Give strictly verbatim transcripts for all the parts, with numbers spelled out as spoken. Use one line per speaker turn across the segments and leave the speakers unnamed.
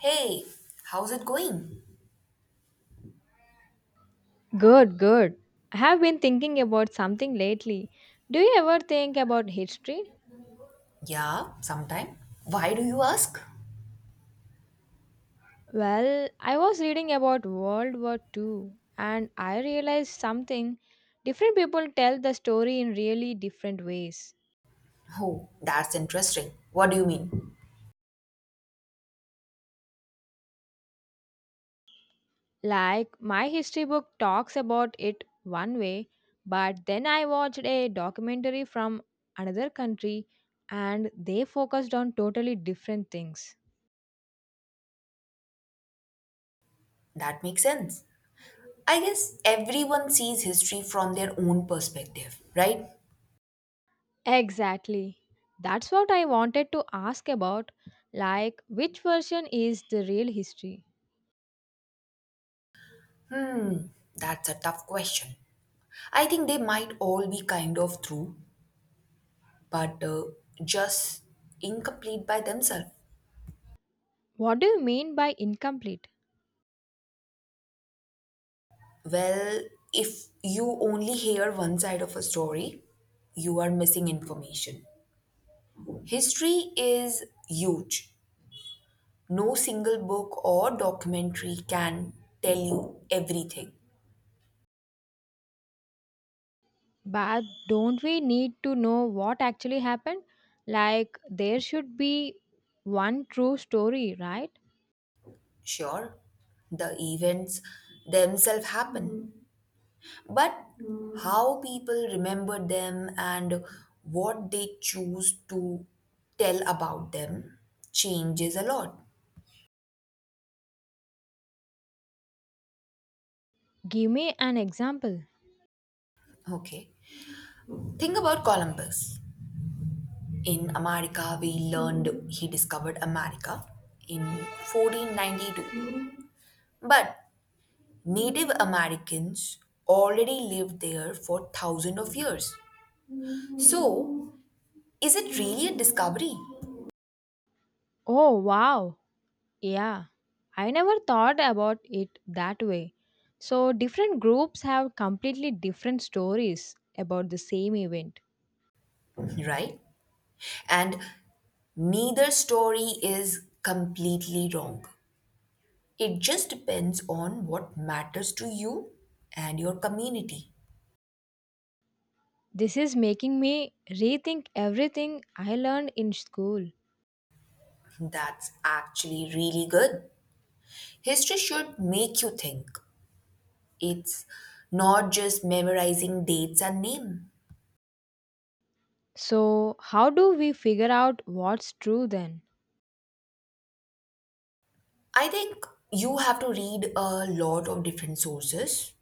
Hey, how's it going?
Good, good. I have been thinking about something lately. Do you ever think about history?
Yeah, sometime. Why do you ask?
Well, I was reading about World War Two, and I realized something. Different people tell the story in really different ways.
Oh, that's interesting. What do you mean?
Like, my history book talks about it one way, but then I watched a documentary from another country and they focused on totally different things.
That makes sense. I guess everyone sees history from their own perspective, right?
Exactly. That's what I wanted to ask about. Like, which version is the real history?
Hmm, that's a tough question. I think they might all be kind of true, but uh, just incomplete by themselves.
What do you mean by incomplete?
Well, if you only hear one side of a story, you are missing information. History is huge. No single book or documentary can tell you everything.
But don't we need to know what actually happened? Like, there should be one true story, right?
Sure, the events themselves happen, but how people remember them and what they choose to tell about them changes a lot.
Give me an example.
Okay, think about Columbus. In America, we learned he discovered America in fourteen ninety-two. But Native Americans already lived there for thousands of years. So, is it really a discovery?
Oh, wow. Yeah. I never thought about it that way. So, different groups have completely different stories about the same event.
Right? And neither story is completely wrong. It just depends on what matters to you and your community.
This is making me rethink everything I learned in school.
That's actually really good. History should make you think. It's not just memorizing dates and name.
So, how do we figure out what's true then?
I think you have to read a lot of different sources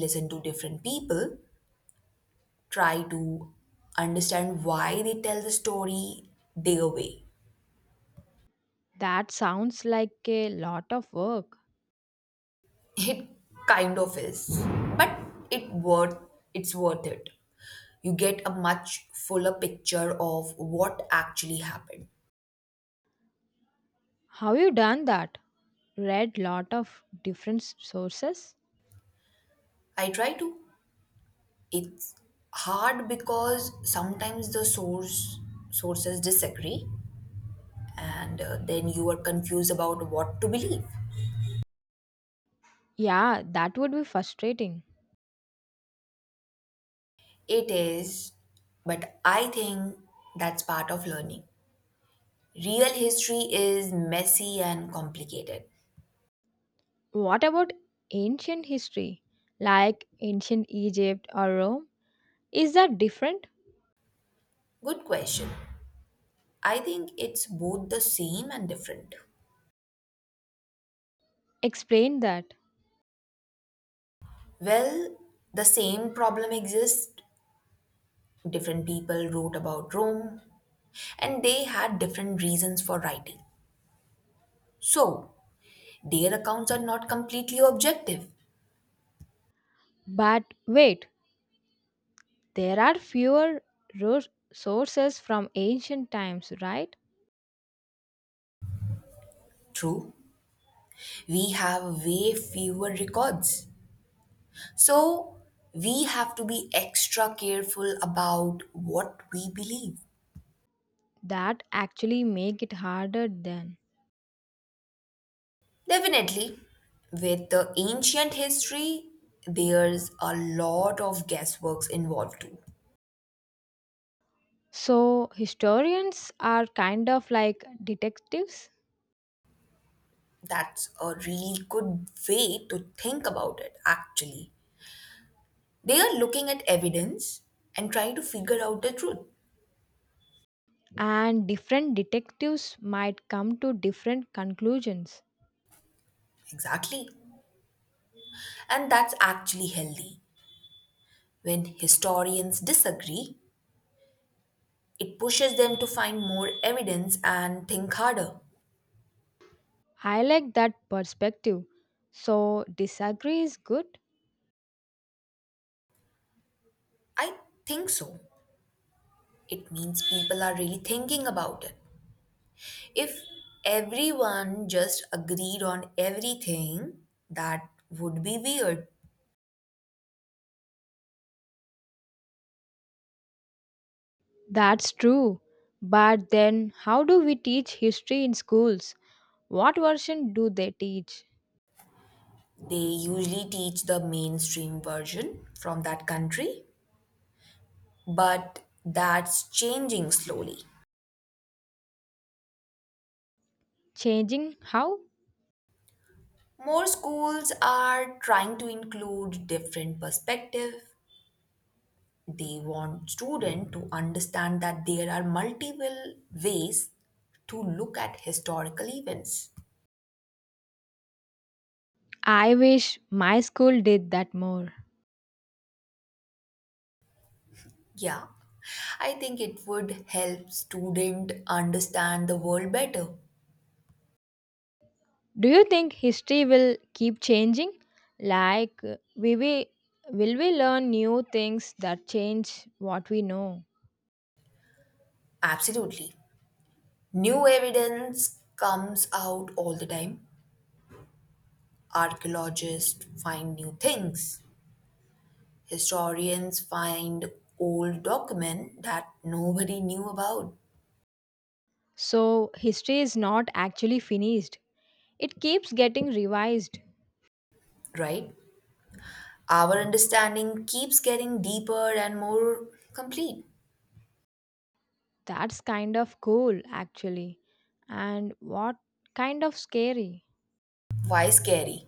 listen to different people, try to understand why they tell the story their way.
That sounds like a lot of work.
It kind of is, but it worth it's worth it. You get a much fuller picture of what actually happened.
How you done that? Read lot of different s- sources?
I try to. It's hard because sometimes the source sources disagree and uh, then you are confused about what to believe.
Yeah, that would be frustrating.
It is, but I think that's part of learning. Real history is messy and complicated.
What about ancient history? Like ancient Egypt or Rome? Is that different?
Good question. I think it's both the same and different.
Explain that.
Well, the same problem exists. Different people wrote about Rome and they had different reasons for writing. So, their accounts are not completely objective.
But wait, there are fewer ro- sources from ancient times, right?
True, we have way fewer records. So, we have to be extra careful about what we believe.
That actually make it harder then.
Definitely, with the ancient history, there's a lot of guessworks involved too.
So, historians are kind of like detectives,
That's a really good way to think about it, actually. They are looking at evidence and trying to figure out the truth.
and different detectives might come to different conclusions.
Exactly. And that's actually healthy. When historians disagree, it pushes them to find more evidence and think harder.
I like that perspective. So, disagree is good.
I think so. It means people are really thinking about it. If everyone just agreed on everything, that would be weird.
That's true. But then, how do we teach history in schools? What version do they teach?
They usually teach the mainstream version from that country, but that's changing slowly.
Changing how?
More schools are trying to include different perspective. They want students to understand that there are multiple ways to look at historical events.
I wish my school did that more.
Yeah, I think it would help student understand the world better.
Do you think history will keep changing? Like uh, we will, will we learn new things that change what we know?
Absolutely. New evidence comes out all the time. Archaeologists find new things. Historians find old document that nobody knew about,
So history is not actually finished. It keeps getting revised.
right? Our understanding keeps getting deeper and more complete.
That's kind of cool actually. And what kind of scary?
Why scary?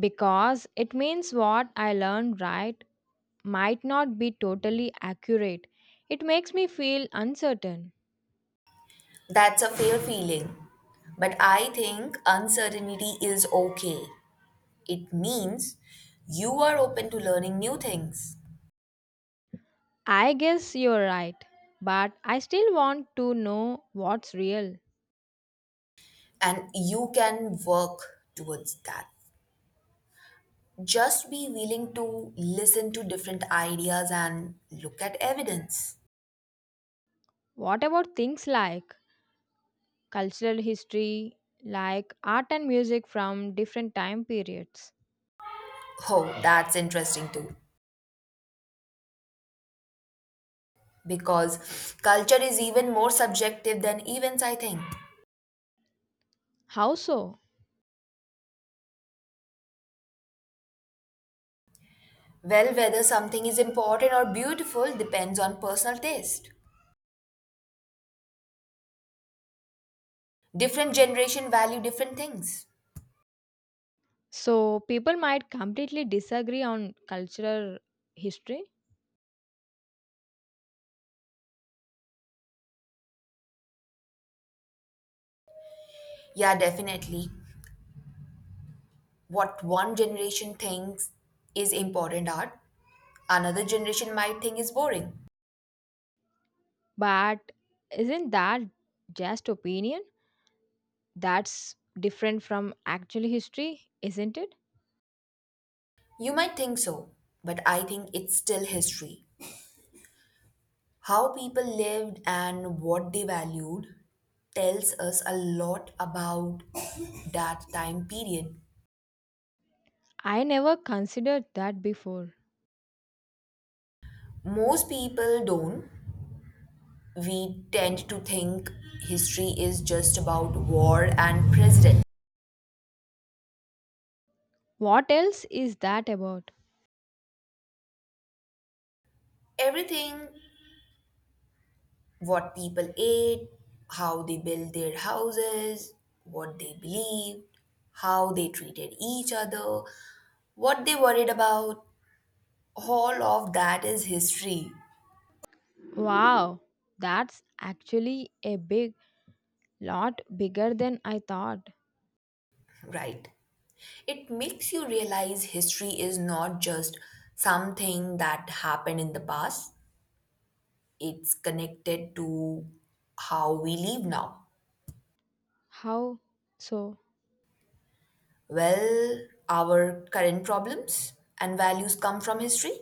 Because it means what I learned right might not be totally accurate. It makes me feel uncertain.
That's a fair feeling. But I think uncertainty is okay. It means you are open to learning new things
I guess you're right, but I still want to know what's real.
and you can work towards that. Just be willing to listen to different ideas and look at evidence.
What about things like cultural history, like art and music from different time periods?
Oh, that's interesting too. Because culture is even more subjective than events, I think.
How so?
Well, whether something is important or beautiful depends on personal taste. Different generation value different things.
So, people might completely disagree on cultural history,
Yeah, definitely. What one generation thinks is important art, another generation might think is boring.
but isn't that just opinion? That's different from actual history, isn't it?
You might think so, but I think it's still history. How people lived and what they valued tells us a lot about that time period.
I never considered that before.
Most people don't. We tend to think history is just about war and president.
What else is that about?
Everything, what people ate, how they built their houses, what they believed, how they treated each other, what they worried about, all of that is history,
Wow, that's actually a big lot bigger than I thought.
right? It makes you realize history is not just something that happened in the past, it's connected to how we live now.
How so?
Well, our current problems and values come from history.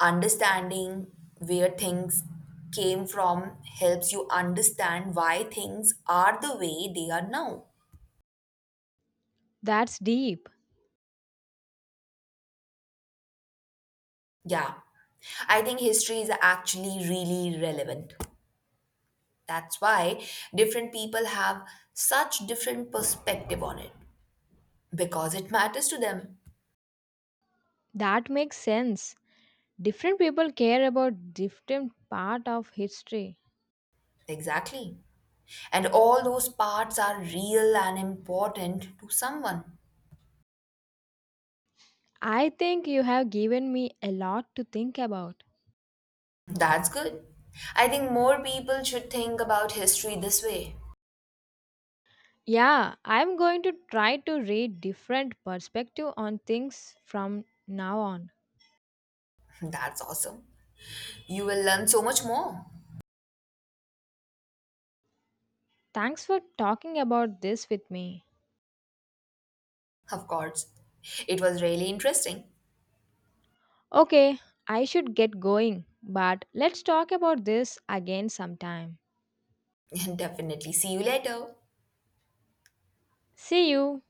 Understanding where things came from helps you understand why things are the way they are now.
That's deep.
Yeah, I think history is actually really relevant. That's why different people have such different perspective on it because it matters to them.
That makes sense. Different people care about different part of history.
Exactly. And all those parts are real and important to someone.
I think you have given me a lot to think about.
That's good. I think more people should think about history this way.
Yeah, I'm going to try to read different perspective on things from now on.
That's awesome. You will learn so much more.
Thanks for talking about this with me.
Of course. It was really interesting.
Okay, I should get going, but let's talk about this again sometime.
Definitely, see you later.
See you.